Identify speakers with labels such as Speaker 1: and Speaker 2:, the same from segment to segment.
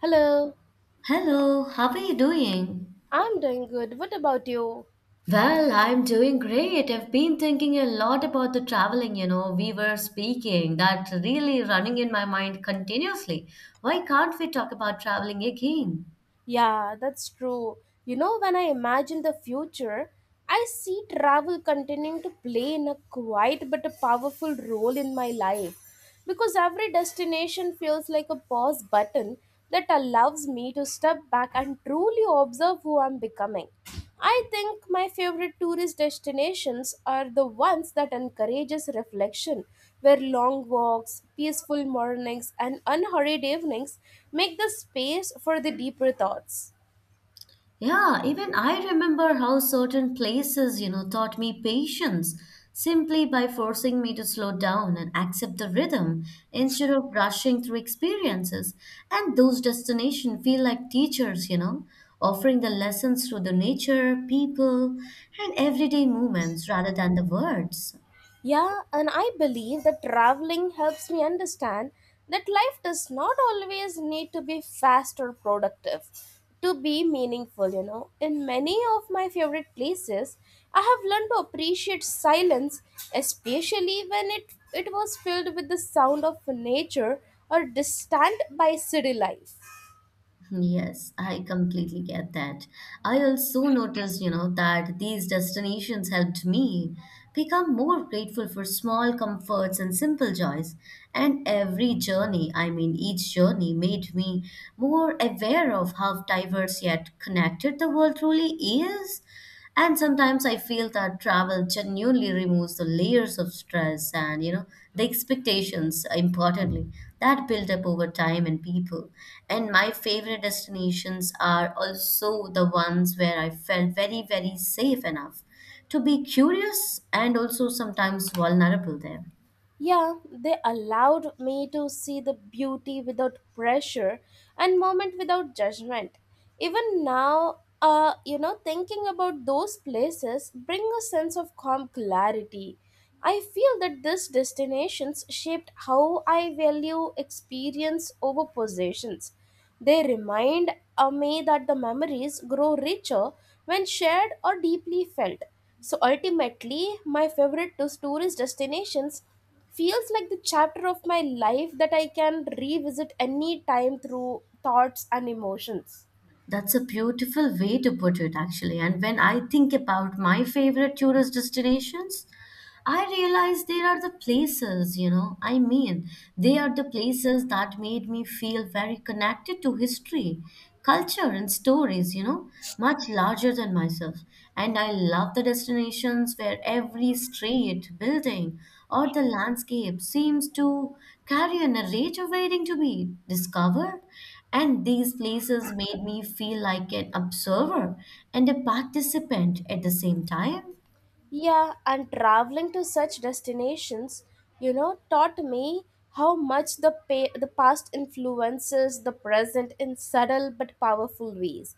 Speaker 1: Hello,
Speaker 2: Hello, how are you doing?
Speaker 1: I'm doing good. What about you?
Speaker 2: Well, I'm doing great. I've been thinking a lot about the traveling, you know, we were speaking, that really running in my mind continuously. Why can't we talk about traveling again?
Speaker 1: Yeah, that's true. When I imagine the future, I see travel continuing to play in a quiet but a powerful role in my life because every destination feels like a pause button that allows me to step back and truly observe who I'm becoming. I think my favorite tourist destinations are the ones that encourages reflection where long walks, peaceful mornings, and unhurried evenings make the space for the deeper thoughts.
Speaker 2: Yeah, even I remember how certain places, you know, taught me patience simply by forcing me to slow down and accept the rhythm instead of rushing through experiences. And those destinations feel like teachers, you know, offering the lessons through the nature, people, and everyday moments rather than the words.
Speaker 1: Yeah, and I believe that traveling helps me understand that life does not always need to be fast or productive to be meaningful. In many of my favorite places, I have learned to appreciate silence, especially when it was filled with the sound of nature or distant by city life.
Speaker 2: Yes, I completely get that. I also noticed, you know, that these destinations helped me become more grateful for small comforts and simple joys. And every journey, I mean, each journey made me more aware of how diverse yet connected the world truly is. And sometimes I feel that travel genuinely removes the layers of stress and, you know, the expectations, importantly, that build up over time in people. And my favorite destinations are also the ones where I felt very, very safe enough to be curious and also sometimes vulnerable there.
Speaker 1: Yeah, they allowed me to see the beauty without pressure and moment without judgment. Even now, thinking about those places bring a sense of calm clarity. I feel that these destinations shaped how I value experience over possessions. They remind me that the memories grow richer when shared or deeply felt. So ultimately, my favorite tourist destinations feels like the chapter of my life that I can revisit any time through thoughts and emotions.
Speaker 2: That's a beautiful way to put it, actually. And when I think about my favorite tourist destinations, I realize they are the places, you know. I mean, they are the places that made me feel very connected to history, culture, and stories, you know, much larger than myself. And I love the destinations where every street, building, or the landscape seems to carry a narrative waiting to be discovered. And these places made me feel like an observer and a participant at the same time.
Speaker 1: Yeah, and traveling to such destinations, taught me how much the past influences the present in subtle but powerful ways.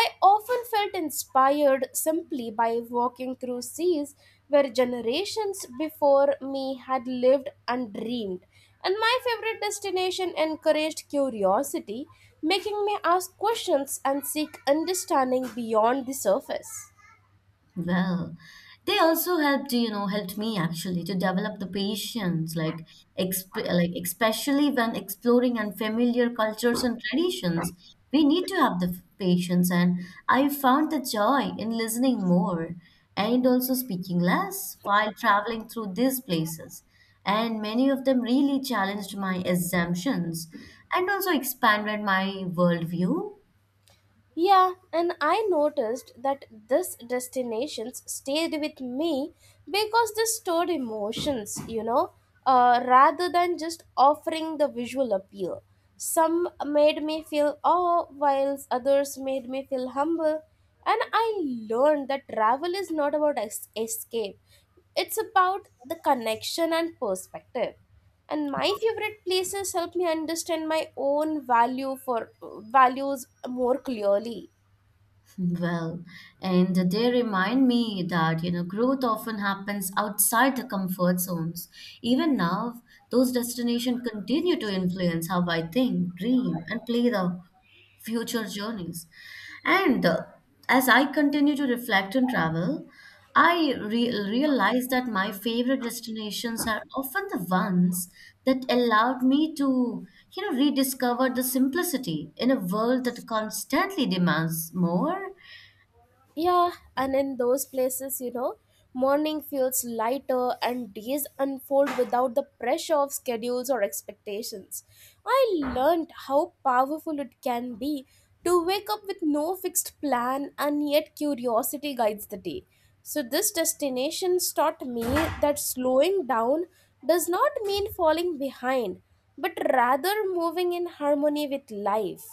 Speaker 1: I often felt inspired simply by walking through seas where generations before me had lived and dreamed. And my favorite destination encouraged curiosity, making me ask questions and seek understanding beyond the surface.
Speaker 2: Well, they also helped, you know, helped me actually to develop the patience, like exp like especially when exploring unfamiliar cultures and traditions, we need to have the patience. And I found the joy in listening more and also speaking less while traveling through these places. And many of them really challenged my assumptions and also expanded my worldview.
Speaker 1: Yeah, and I noticed that this destinations stayed with me because they stored emotions, rather than just offering the visual appeal. Some made me feel awe, while others made me feel humble. And I learned that travel is not about escape; it's about the connection and perspective and my favorite places help me understand my own value for values more clearly.
Speaker 2: Well, and they remind me that, you know, growth often happens outside the comfort zones. Even now, those destinations continue to influence how I think, dream, and play the future journeys. And as I continue to reflect on travel, I realize that my favorite destinations are often the ones that allowed me to, you know, rediscover the simplicity in a world that constantly demands more.
Speaker 1: Yeah, and in those places, morning feels lighter and days unfold without the pressure of schedules or expectations. I learned how powerful it can be to wake up with no fixed plan and yet curiosity guides the day. So, this destination taught me that slowing down does not mean falling behind, but rather moving in harmony with life.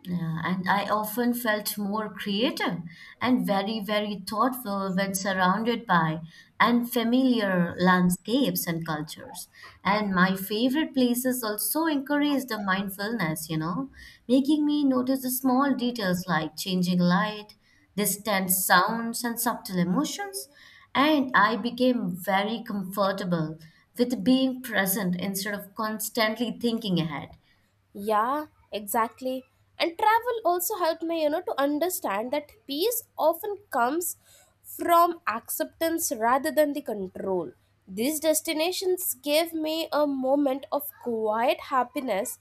Speaker 2: Yeah, and I often felt more creative and very, very thoughtful when surrounded by and familiar landscapes and cultures. And my favorite places also encourage the mindfulness, you know, making me notice the small details like changing light, distant sounds, and subtle emotions. And I became very comfortable with being present instead of constantly thinking ahead.
Speaker 1: Yeah, exactly. And travel also helped me, to understand that peace often comes from acceptance rather than the control. These destinations gave me a moment of quiet happiness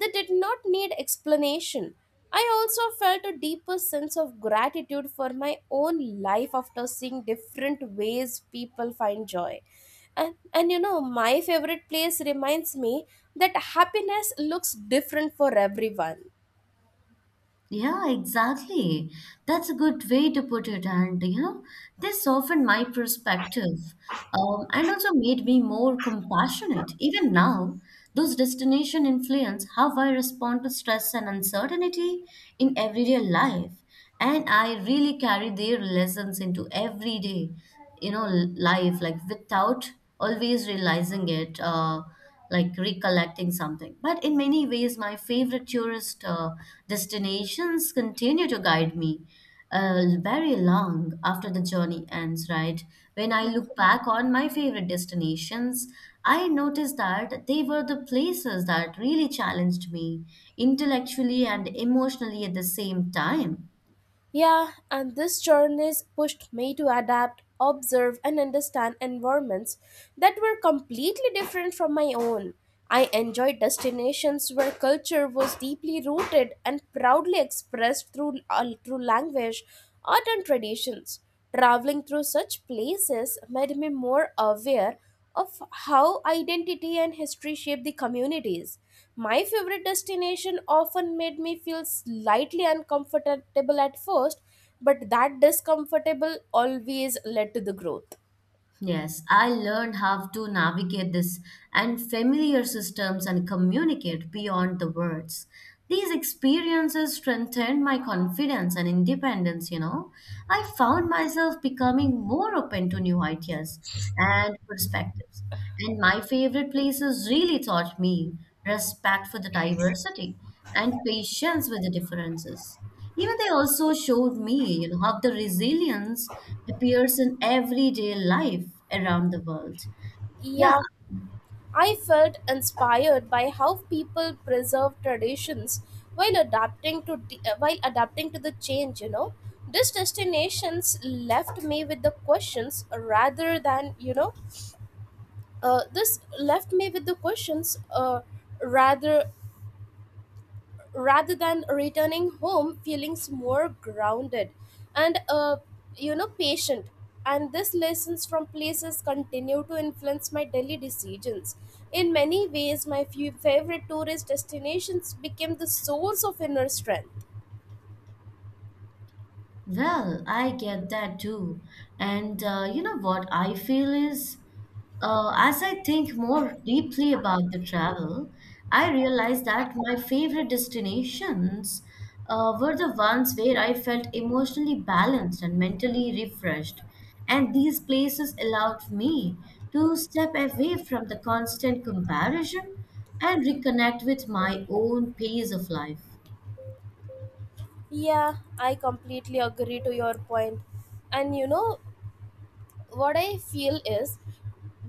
Speaker 1: that did not need explanation. I also felt a deeper sense of gratitude for my own life after seeing different ways people find joy and my favorite place reminds me that happiness looks different for everyone.
Speaker 2: Yeah, exactly. That's a good way to put it. And, you know, this softened my perspective and also made me more compassionate. Even now, those destinations influence how I respond to stress and uncertainty in everyday life. And I really carry their lessons into everyday, you know, life, like without always realizing it. Like recollecting something. But in many ways, my favorite tourist destinations continue to guide me very long after the journey ends, right? When I look back on my favorite destinations, I noticed that they were the places that really challenged me intellectually and emotionally at the same time.
Speaker 1: Yeah, and this journey's pushed me to adapt, observe, and understand environments that were completely different from my own. I enjoyed destinations where culture was deeply rooted and proudly expressed through language, art, and traditions. Traveling through such places made me more aware of how identity and history shape the communities. My favorite destination often made me feel slightly uncomfortable at first, but that discomfortable always led to the growth.
Speaker 2: Yes, I learned how to navigate this and familiar systems and communicate beyond the words. These experiences strengthened my confidence and independence, you know. I found myself becoming more open to new ideas and perspectives. And my favorite places really taught me respect for the diversity and patience with the differences. You know, they also showed me, you know, how the resilience appears in everyday life around the world. Yeah.
Speaker 1: Yeah, I felt inspired by how people preserve traditions while adapting to the change. These destinations left me with the questions rather than, this left me with the questions rather rather than returning home feelings more grounded and patient, and these lessons from places continue to influence my daily decisions. In many ways, my few favorite tourist destinations became the source of inner strength.
Speaker 2: Well, I get that too. And you know what I feel is, as I think more deeply about the travel, I realized that my favorite destinations were the ones where I felt emotionally balanced and mentally refreshed. And these places allowed me to step away from the constant comparison and reconnect with my own pace of life.
Speaker 1: Yeah, I completely agree to your point. And you know what I feel is,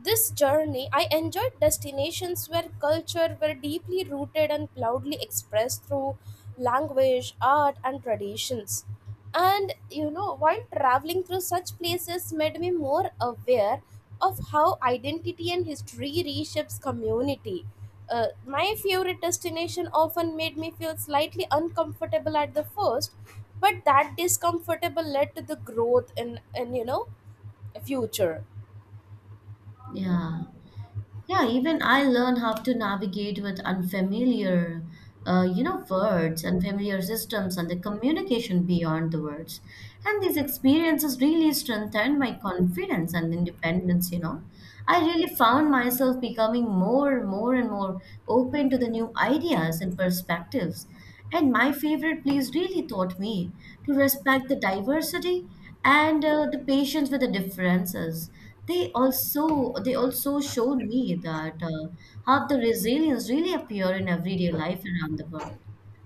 Speaker 1: this journey, I enjoyed destinations where culture were deeply rooted and proudly expressed through language, art, and traditions. And while traveling through such places made me more aware of how identity and history reshapes community. My favorite destination often made me feel slightly uncomfortable at the first, but that discomfortable led to the growth in future.
Speaker 2: Yeah. Yeah, even I learn how to navigate with unfamiliar, you know, words, unfamiliar systems, and the communication beyond the words. And these experiences really strengthened my confidence and independence, you know. I really found myself becoming more and more open to the new ideas and perspectives. And my favorite place really taught me to respect the diversity and the patience with the differences. They also showed me that how the resilience really appear in everyday life around the world.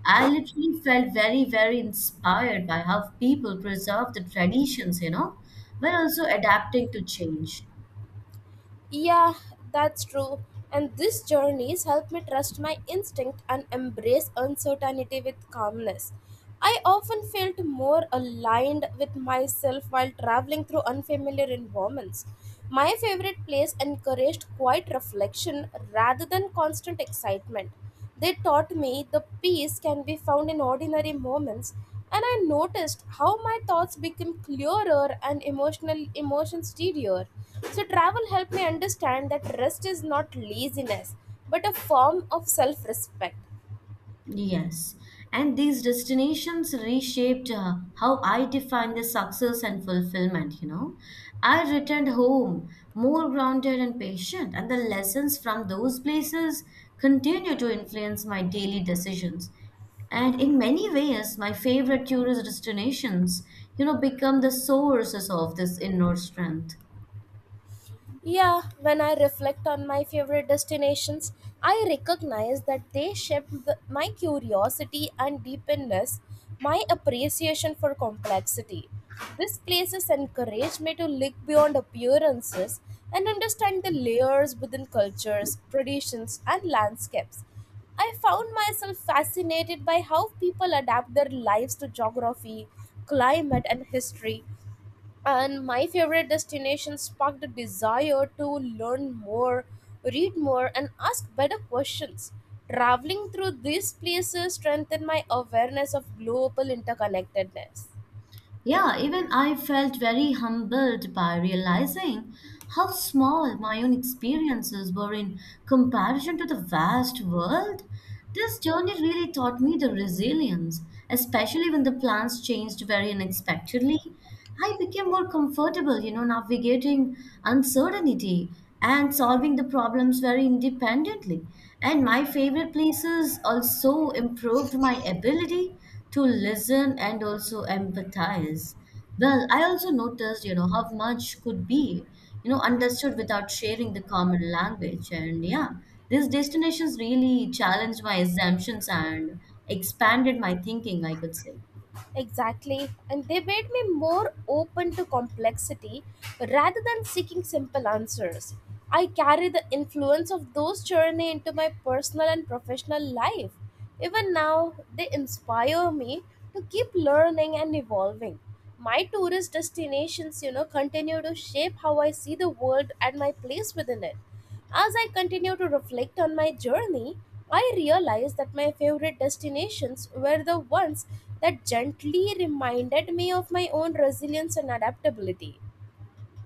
Speaker 2: I literally felt very, very inspired by how people preserve the traditions, you know, while also adapting to change.
Speaker 1: Yeah, that's true. And this journey's helped me trust my instinct and embrace uncertainty with calmness. I often felt more aligned with myself while traveling through unfamiliar environments. My favorite place encouraged quiet reflection rather than constant excitement. They taught me the peace can be found in ordinary moments, and I noticed how my thoughts became clearer and emotional emotions steadier. So travel helped me understand that rest is not laziness, but a form of self-respect.
Speaker 2: Yes, and these destinations reshaped how I define the success and fulfillment, you know. I returned home more grounded and patient, and the lessons from those places continue to influence my daily decisions. And in many ways, my favorite tourist destinations, you know, become the sources of this inner strength.
Speaker 1: Yeah, when I reflect on my favorite destinations, I recognize that they shaped my curiosity and deepenness, my appreciation for complexity. These places encourage me to look beyond appearances and understand the layers within cultures, traditions, and landscapes. I found myself fascinated by how people adapt their lives to geography, climate, and history, and my favorite destination sparked a desire to learn more, read more, and ask better questions. Traveling through these places strengthened my awareness of global interconnectedness.
Speaker 2: Yeah, even I felt very humbled by realizing how small my own experiences were in comparison to the vast world. This journey really taught me the resilience, especially when the plans changed very unexpectedly. I became more comfortable, you know, navigating uncertainty and solving the problems very independently. And my favorite places also improved my ability to listen and also empathize. Well, I also noticed, you know, how much could be, you know, understood without sharing the common language. And yeah, these destinations really challenged my assumptions and expanded my thinking, I could say.
Speaker 1: Exactly. And they made me more open to complexity rather than seeking simple answers. I carry the influence of those journey into my personal and professional life. Even now, they inspire me to keep learning and evolving. My tourist destinations, continue to shape how I see the world and my place within it. As I continue to reflect on my journey, I realized that my favorite destinations were the ones that gently reminded me of my own resilience and adaptability.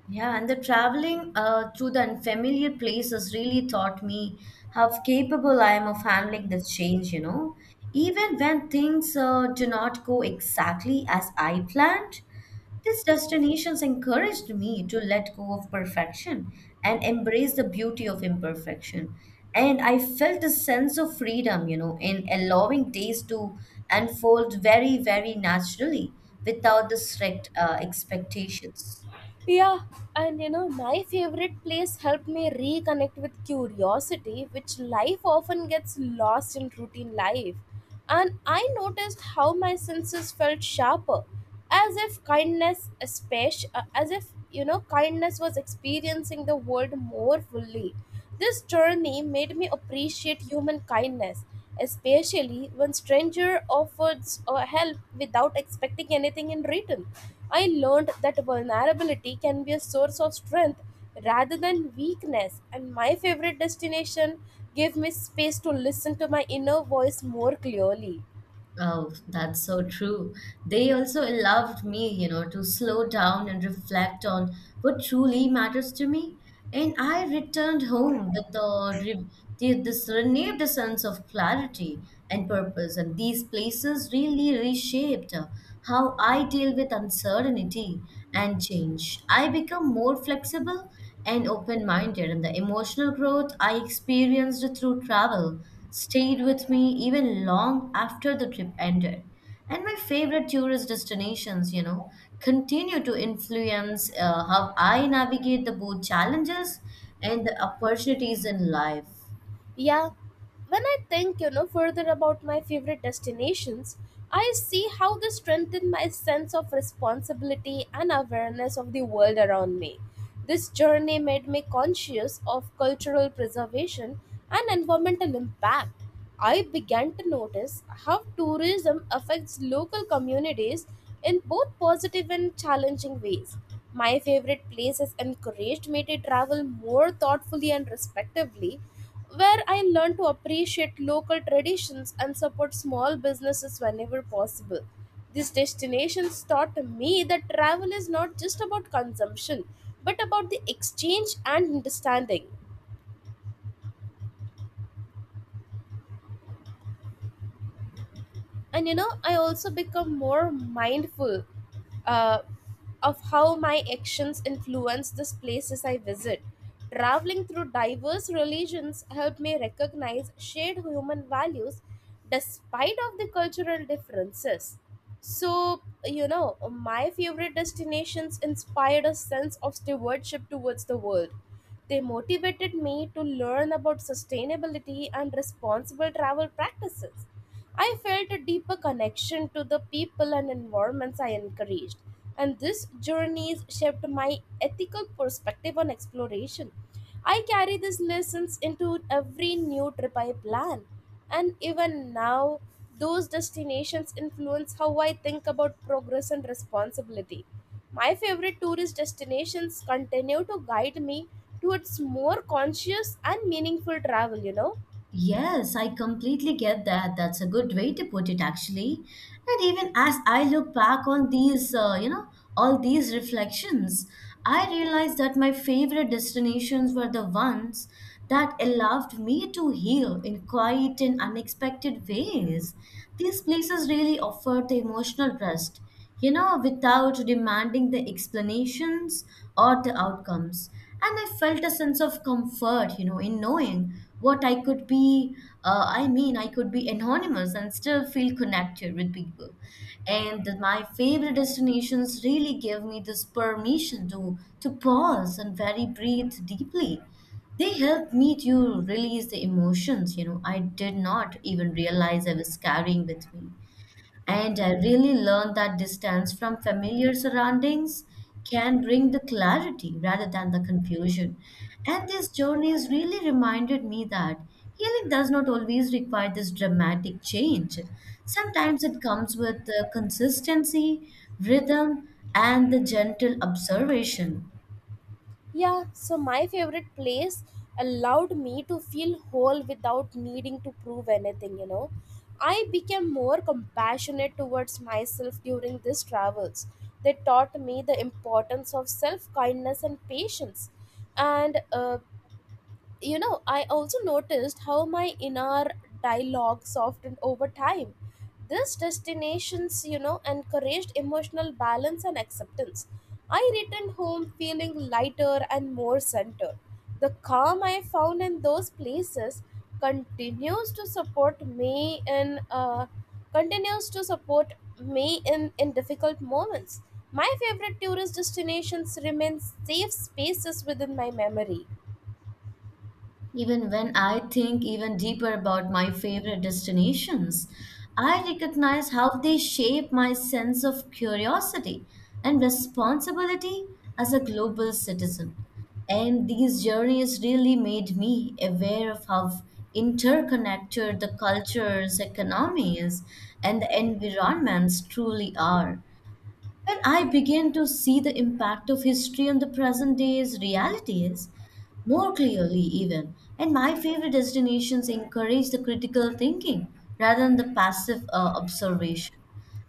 Speaker 2: Yeah, and the traveling to the unfamiliar places really taught me how capable I am of handling this change, you know. Even when things do not go exactly as I planned, these destinations encouraged me to let go of perfection and embrace the beauty of imperfection. And I felt a sense of freedom, you know, in allowing days to unfold very, very naturally without the strict expectations.
Speaker 1: Yeah, and my favorite place helped me reconnect with curiosity, which life often gets lost in routine life. And I noticed how my senses felt sharper, as if kindness, especially, as if you know, kindness was experiencing the world more fully. This journey made me appreciate human kindness, especially when stranger offers help without expecting anything in return. I learned that vulnerability can be a source of strength rather than weakness, and my favorite destination gave me space to listen to my inner voice more clearly.
Speaker 2: Oh, that's so true. They also allowed me, you know, to slow down and reflect on what truly matters to me. And I returned home with the this renewed sense of clarity and purpose. And these places really reshaped how I deal with uncertainty and change. I become more flexible and open-minded, and the emotional growth I experienced through travel stayed with me even long after the trip ended. And my favorite tourist destinations, you know, continue to influence how I navigate the both challenges and the opportunities in life.
Speaker 1: Yeah, when I think, further about my favorite destinations, I see how they strengthen my sense of responsibility and awareness of the world around me. This journey made me conscious of cultural preservation and environmental impact. I began to notice how tourism affects local communities in both positive and challenging ways. My favorite places encouraged me to travel more thoughtfully and respectively, where I learned to appreciate local traditions and support small businesses whenever possible. These destinations taught me that travel is not just about consumption, but about the exchange and understanding. And I also become more mindful uh, of how my actions influence the places I visit. Traveling through diverse religions helped me recognize shared human values despite of the cultural differences. So my favorite destinations inspired a sense of stewardship towards the world. They motivated me to learn about sustainability and responsible travel practices. I felt a deeper connection to the people and environments I encouraged, and this journey shaped my ethical perspective on exploration. I carry these lessons into every new trip I plan. And even now, those destinations influence how I think about progress and responsibility. My favorite tourist destinations continue to guide me towards more conscious and meaningful travel.
Speaker 2: Yes, I completely get that. That's a good way to put it, actually. And even as I look back on these, you know, all these reflections, I realized that my favorite destinations were the ones that allowed me to heal in quiet and unexpected ways. These places really offered the emotional rest, you know, without demanding the explanations or the outcomes. And I felt a sense of comfort, you know, in knowing what I could be. I mean, I could be anonymous and still feel connected with people. And that my favorite destinations really gave me this permission to pause and very breathe deeply. They help me to release the emotions, you know, I did not even realize I was carrying with me. And I really learned that distance from familiar surroundings can bring the clarity rather than the confusion. And these journeys really reminded me that healing does not always require this dramatic change. Sometimes it comes with the consistency, rhythm, and the gentle observation.
Speaker 1: Yeah, so my favorite place allowed me to feel whole without needing to prove anything. I became more compassionate towards myself during these travels. They taught me the importance of self kindness and patience. And I also noticed how my inner dialogue softened over time. These destinations encouraged emotional balance and acceptance. I returned home feeling lighter and more centered. The calm I found in those places continues to support me in uh, continues to support me in difficult moments. My favorite tourist destinations remain safe spaces within my memory.
Speaker 2: Even when I think even deeper about my favorite destinations, I recognize how they shape my sense of curiosity and responsibility as a global citizen. And these journeys really made me aware of how interconnected the cultures, economies, and the environments truly are. When I began to see the impact of history on the present day's realities more clearly, even, and my favorite destinations encourage the critical thinking rather than the passive observation.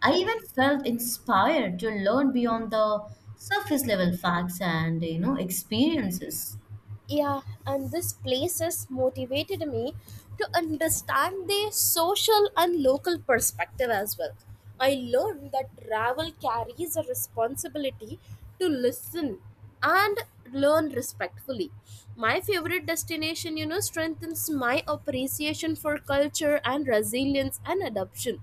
Speaker 2: I even felt inspired to learn beyond the surface level facts and you know experiences.
Speaker 1: Yeah, and this places motivated me to understand their social and local perspective as well. I learned that travel carries a responsibility to listen and learn respectfully. My favorite destination strengthens my appreciation for culture and resilience and adoption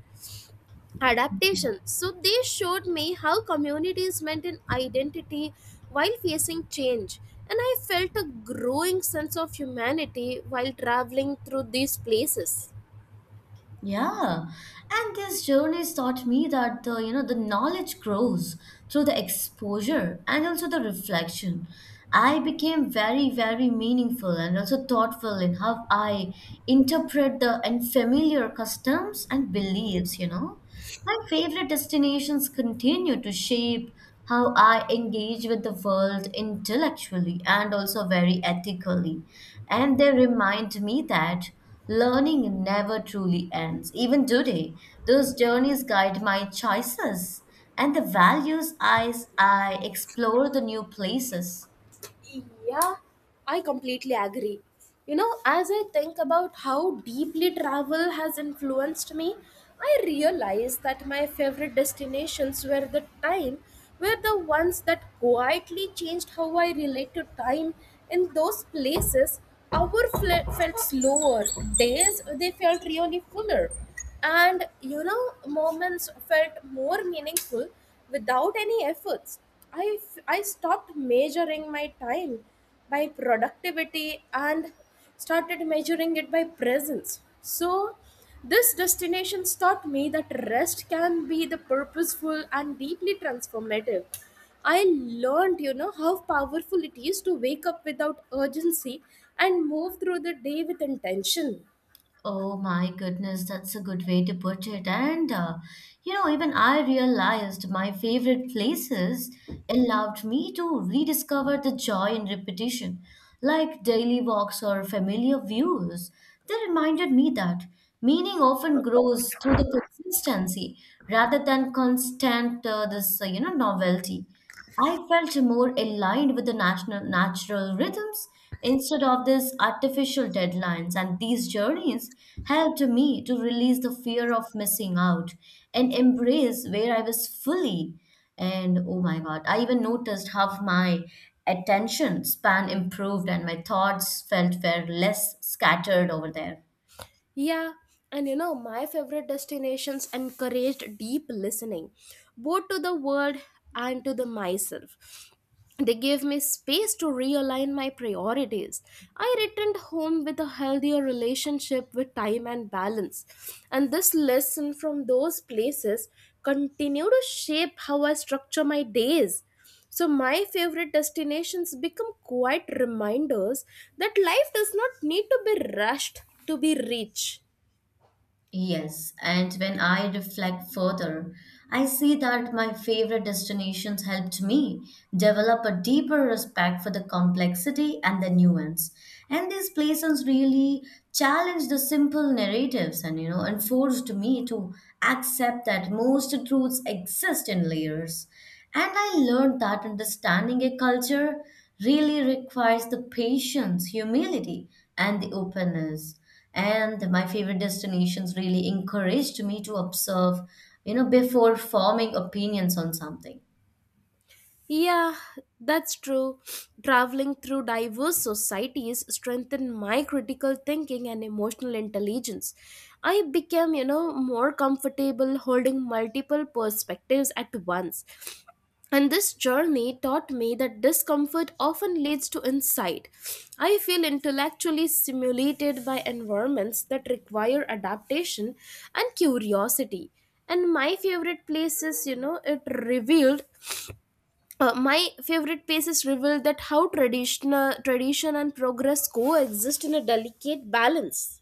Speaker 1: adaptation. So they showed me how communities maintain identity while facing change. And I felt a growing sense of humanity while traveling through these places.
Speaker 2: Yeah, and this journeys taught me that the you know the knowledge grows through the exposure and also the reflection. I became very, very meaningful and also thoughtful in how I interpret the unfamiliar customs and beliefs, you know. My favorite destinations continue to shape how I engage with the world intellectually and also very ethically. And they remind me that learning never truly ends. Even today, those journeys guide my choices and the values as I explore the new places.
Speaker 1: Yeah, I completely agree. As I think about how deeply travel has influenced me, I realize that my favorite destinations were the ones that quietly changed how I relate to time. In those places, hours felt slower, days they felt really fuller, and you know moments felt more meaningful without any efforts. I stopped measuring my time by productivity and started measuring it by presence. So this destination taught me that rest can be the purposeful and deeply transformative. I learned, how powerful it is to wake up without urgency and move through the day with intention.
Speaker 2: Oh my goodness, that's a good way to put it. And you know, even I realized my favorite places allowed me to rediscover the joy in repetition, like daily walks or familiar views. They reminded me that meaning often grows through the consistency rather than constant this you know novelty. I felt more aligned with the national natural rhythms instead of these artificial deadlines, and these journeys helped me to release the fear of missing out and embrace where I was fully. And oh my God, I even noticed how my attention span improved and my thoughts felt were less scattered over there.
Speaker 1: Yeah, and my favorite destinations encouraged deep listening, both to the world and to the myself. They gave me space to realign my priorities. I returned home with a healthier relationship with time and balance. And this lesson from those places continue to shape how I structure my days. So my favorite destinations become quite reminders that life does not need to be rushed to be rich.
Speaker 2: Yes, and when I reflect further, I see that my favorite destinations helped me develop a deeper respect for the complexity and the nuance. And these places really challenged the simple narratives and you know and forced me to accept that most truths exist in layers. And I learned that understanding a culture really requires the patience, humility, and the openness and my favorite destinations really encouraged me to observe you know before forming opinions on something.
Speaker 1: Yeah, that's true. Traveling through diverse societies strengthened my critical thinking and emotional intelligence. I became, more comfortable holding multiple perspectives at once. And this journey taught me that discomfort often leads to insight. I feel intellectually stimulated by environments that require adaptation and curiosity, and my favorite places, it revealed, my favorite pieces reveal that how tradition and progress coexist in a delicate balance.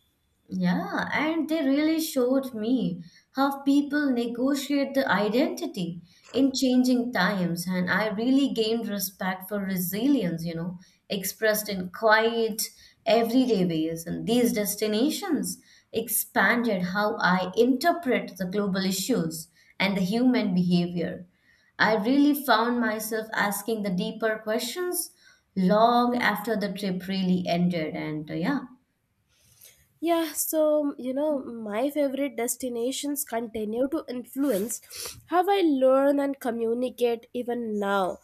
Speaker 2: Yeah, and they really showed me how people negotiate the identity in changing times, and I really gained respect for resilience, you know, expressed in quiet, everyday ways. And these destinations expanded how I interpret the global issues and the human behavior. I really found myself asking the deeper questions long after the trip really ended, and yeah.
Speaker 1: Yeah, so my favorite destinations continue to influence how I learn and communicate even now.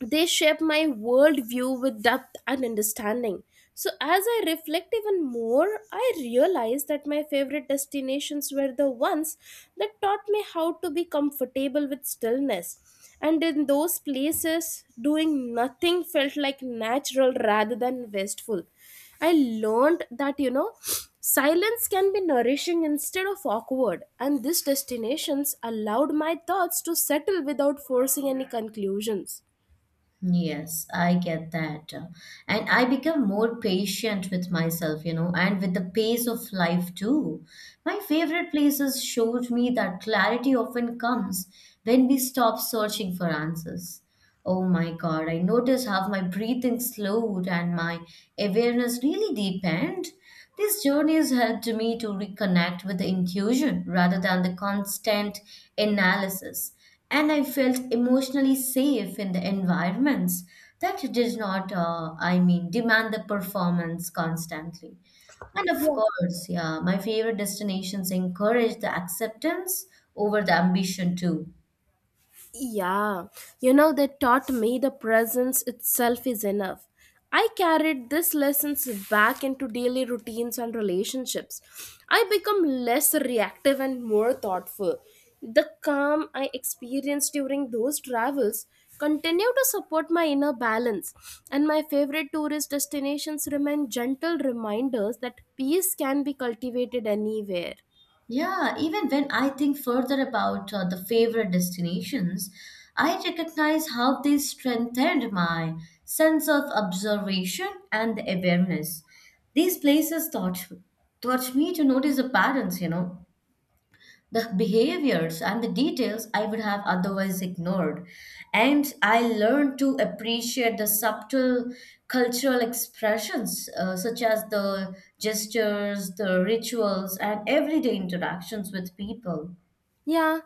Speaker 1: They shape my worldview with depth and understanding. So, as I reflect even more, I realize that my favorite destinations were the ones that taught me how to be comfortable with stillness. And in those places, doing nothing felt like natural rather than wasteful. I learned that, silence can be nourishing instead of awkward, and these destinations allowed my thoughts to settle without forcing any conclusions.
Speaker 2: Yes, I get that. And I become more patient with myself, you know, and with the pace of life too. My favorite places showed me that clarity often comes when we stop searching for answers. Oh my God, I noticed how my breathing slowed and my awareness really deepened. These journeys helped me to reconnect with the intuition rather than the constant analysis and I felt emotionally safe in the environments that did not, demand the performance constantly. And of
Speaker 1: Yeah.
Speaker 2: course, yeah, my favorite destinations encourage the acceptance over the ambition too.
Speaker 1: Yeah. You know, they taught me the presence itself is enough. I carried these lessons back into daily routines and relationships. I become less reactive and more thoughtful. The calm I experienced during those travels continue to support my inner balance, and my favorite tourist destinations remain gentle reminders that peace can be cultivated anywhere.
Speaker 2: Yeah, even when I think further about the favorite destinations, I recognize how they strengthened my sense of observation and awareness. These places taught me to notice the patterns, you know, the behaviors and the details I would have otherwise ignored. And I learned to appreciate the subtle cultural expressions, such as the gestures, the rituals, and everyday interactions with people.
Speaker 1: Yeah,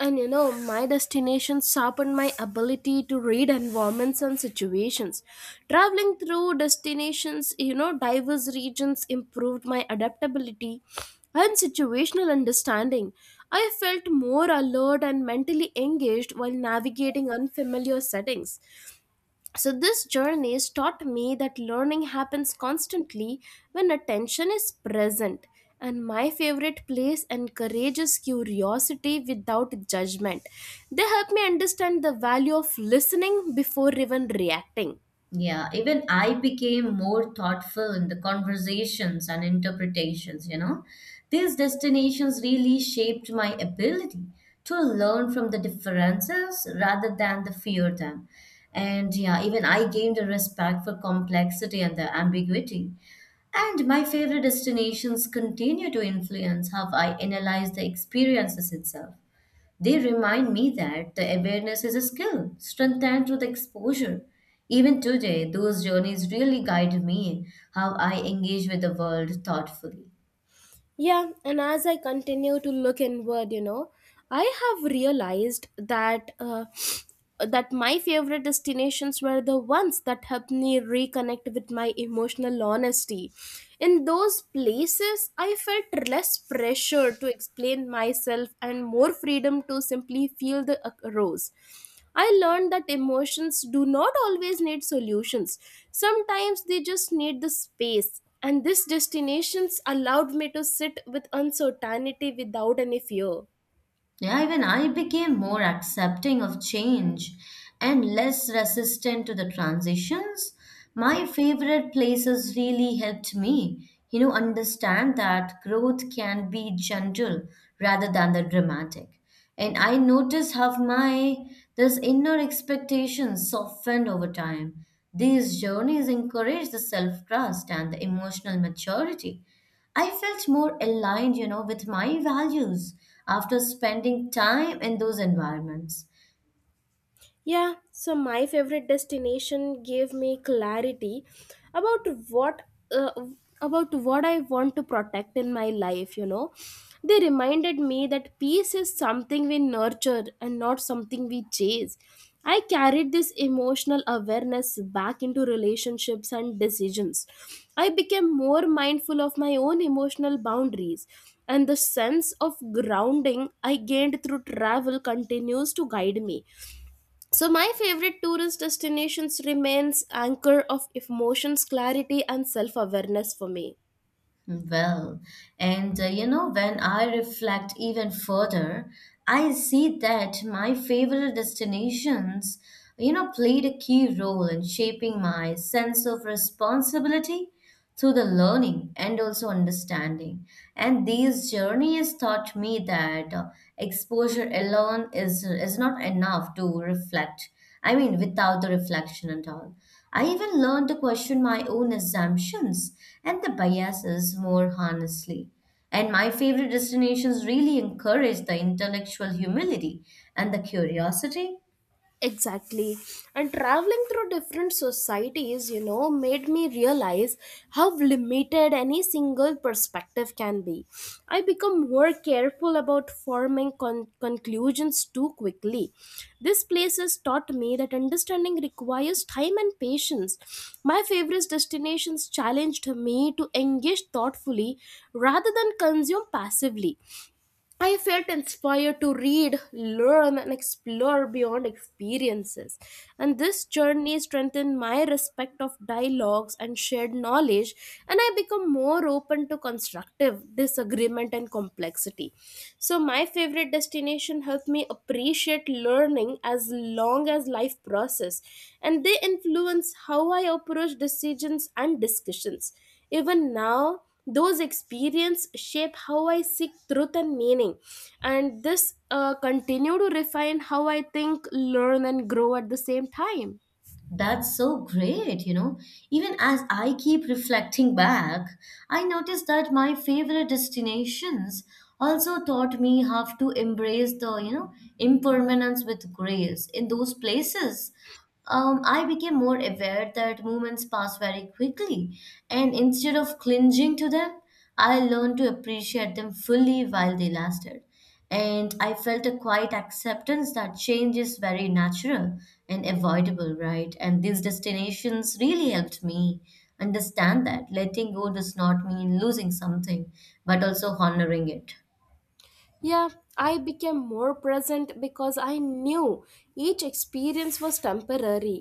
Speaker 1: and my destination sharpened my ability to read environments and situations. Traveling through destinations, diverse regions improved my adaptability and situational understanding. I felt more alert and mentally engaged while navigating unfamiliar settings. So, this journey has taught me that learning happens constantly when attention is present. And my favorite place encourages curiosity without judgment. They help me understand the value of listening before even reacting.
Speaker 2: Yeah, even I became more thoughtful in the conversations and interpretations, you know. These destinations really shaped my ability to learn from the differences rather than the fear them. And yeah, even I gained a respect for complexity and the ambiguity. And my favorite destinations continue to influence how I analyze the experiences itself. They remind me that the awareness is a skill, strengthened through the exposure. Even today, those journeys really guide me how I engage with the world thoughtfully.
Speaker 1: Yeah, and as I continue to look inward, I have realized that that my favorite destinations were the ones that helped me reconnect with my emotional honesty. In those places, I felt less pressure to explain myself and more freedom to simply feel the rose. I learned that emotions do not always need solutions. Sometimes they just need the space. And these destinations allowed me to sit with uncertainty without any fear.
Speaker 2: Yeah, even I became more accepting of change and less resistant to the transitions. My favorite places really helped me, you know, understand that growth can be gentle rather than the dramatic. And I noticed how my this inner expectations softened over time. These journeys encourage the self-trust and the emotional maturity. I felt more aligned, you know, with my values after spending time in those environments.
Speaker 1: Yeah, so my favorite destination gave me clarity about what uh, about what I want to protect in my life. They reminded me that peace is something we nurture and not something we chase. I carried this emotional awareness back into relationships and decisions. I became more mindful of my own emotional boundaries, and the sense of grounding I gained through travel continues to guide me. So my favorite tourist destinations remains anchor of emotions, clarity and self-awareness for me.
Speaker 2: Well, and you know, when I reflect even further, I see that my favorite destinations, you know, played a key role in shaping my sense of responsibility through the learning and also understanding. And these journeys taught me that exposure alone is not enough to reflect. I mean, without the reflection at all. I even learned to question my own assumptions and the biases more honestly. And my favorite destinations really encourage the intellectual humility and the curiosity.
Speaker 1: Exactly. And traveling through different societies, made me realize how limited any single perspective can be. I become more careful about forming conclusions too quickly. This place has taught me that understanding requires time and patience. My favorite destinations challenged me to engage thoughtfully rather than consume passively. I felt inspired to read, learn, and explore beyond experiences. And this journey strengthened my respect of dialogues and shared knowledge, and I become more open to constructive disagreement and complexity. So, my favorite destination helped me appreciate learning as long as life process, and they influence how I approach decisions and discussions even now. Those experiences shape how I seek truth and meaning, and this continue to refine how I think, learn, and grow at the same time.
Speaker 2: That's so great, you know. Even as I keep reflecting back, I notice that my favorite destinations also taught me how to embrace the, you know, impermanence with grace. In those places, I became more aware that moments pass very quickly, and instead of clinging to them, I learned to appreciate them fully while they lasted. And I felt a quiet acceptance that change is very natural and avoidable, right? And these destinations really helped me understand that letting go does not mean losing something, but also honoring it.
Speaker 1: Yeah, I became more present because I knew each experience was temporary.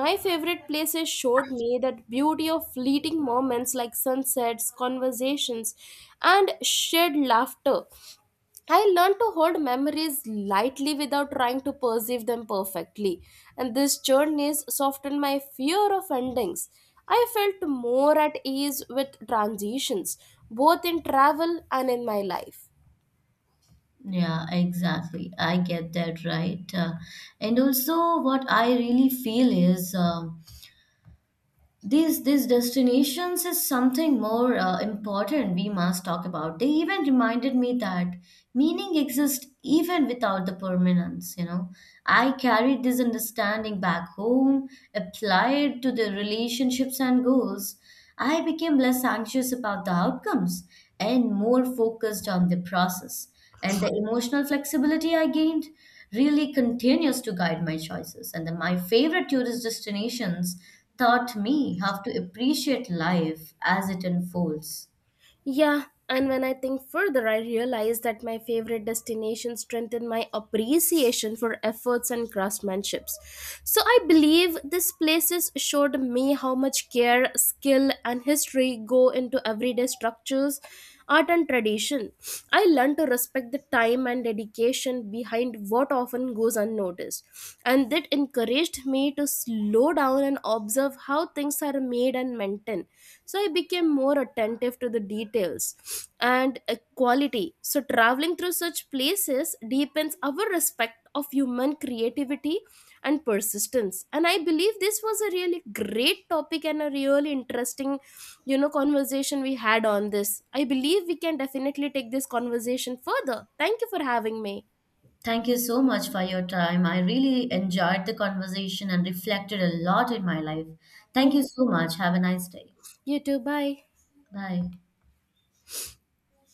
Speaker 1: My favorite places showed me that beauty of fleeting moments like sunsets, conversations, and shared laughter. I learned to hold memories lightly without trying to perceive them perfectly, and this journey softened my fear of endings. I felt more at ease with transitions, both in travel and in my life.
Speaker 2: Yeah, exactly. I get that right. And also, what I really feel is these destinations is something more important we must talk about. They even reminded me that meaning exists even without the permanence, you know. I carried this understanding back home, applied to the relationships and goals. I became less anxious about the outcomes and more focused on the process. And the emotional flexibility I gained really continues to guide my choices. And then my favorite tourist destinations taught me how to appreciate life as it unfolds.
Speaker 1: Yeah, and when I think further, I realize that my favorite destination strengthened my appreciation for efforts and craftsmanships. So I believe these places showed me how much care, skill, and history go into everyday structures, art and tradition. I learned to respect the time and dedication behind what often goes unnoticed, and that encouraged me to slow down and observe how things are made and maintained. So I became more attentive to the details and quality. So traveling through such places deepens our respect of human creativity and persistence, and I believe this was a really great topic and a really interesting, conversation we had on this. I believe we can definitely take this conversation further. Thank you for having me.
Speaker 2: Thank you so much for your time. I really enjoyed the conversation and reflected a lot in my life. Thank
Speaker 1: Thank
Speaker 2: you so much. Have a nice day.
Speaker 1: you too. Bye.
Speaker 2: Bye.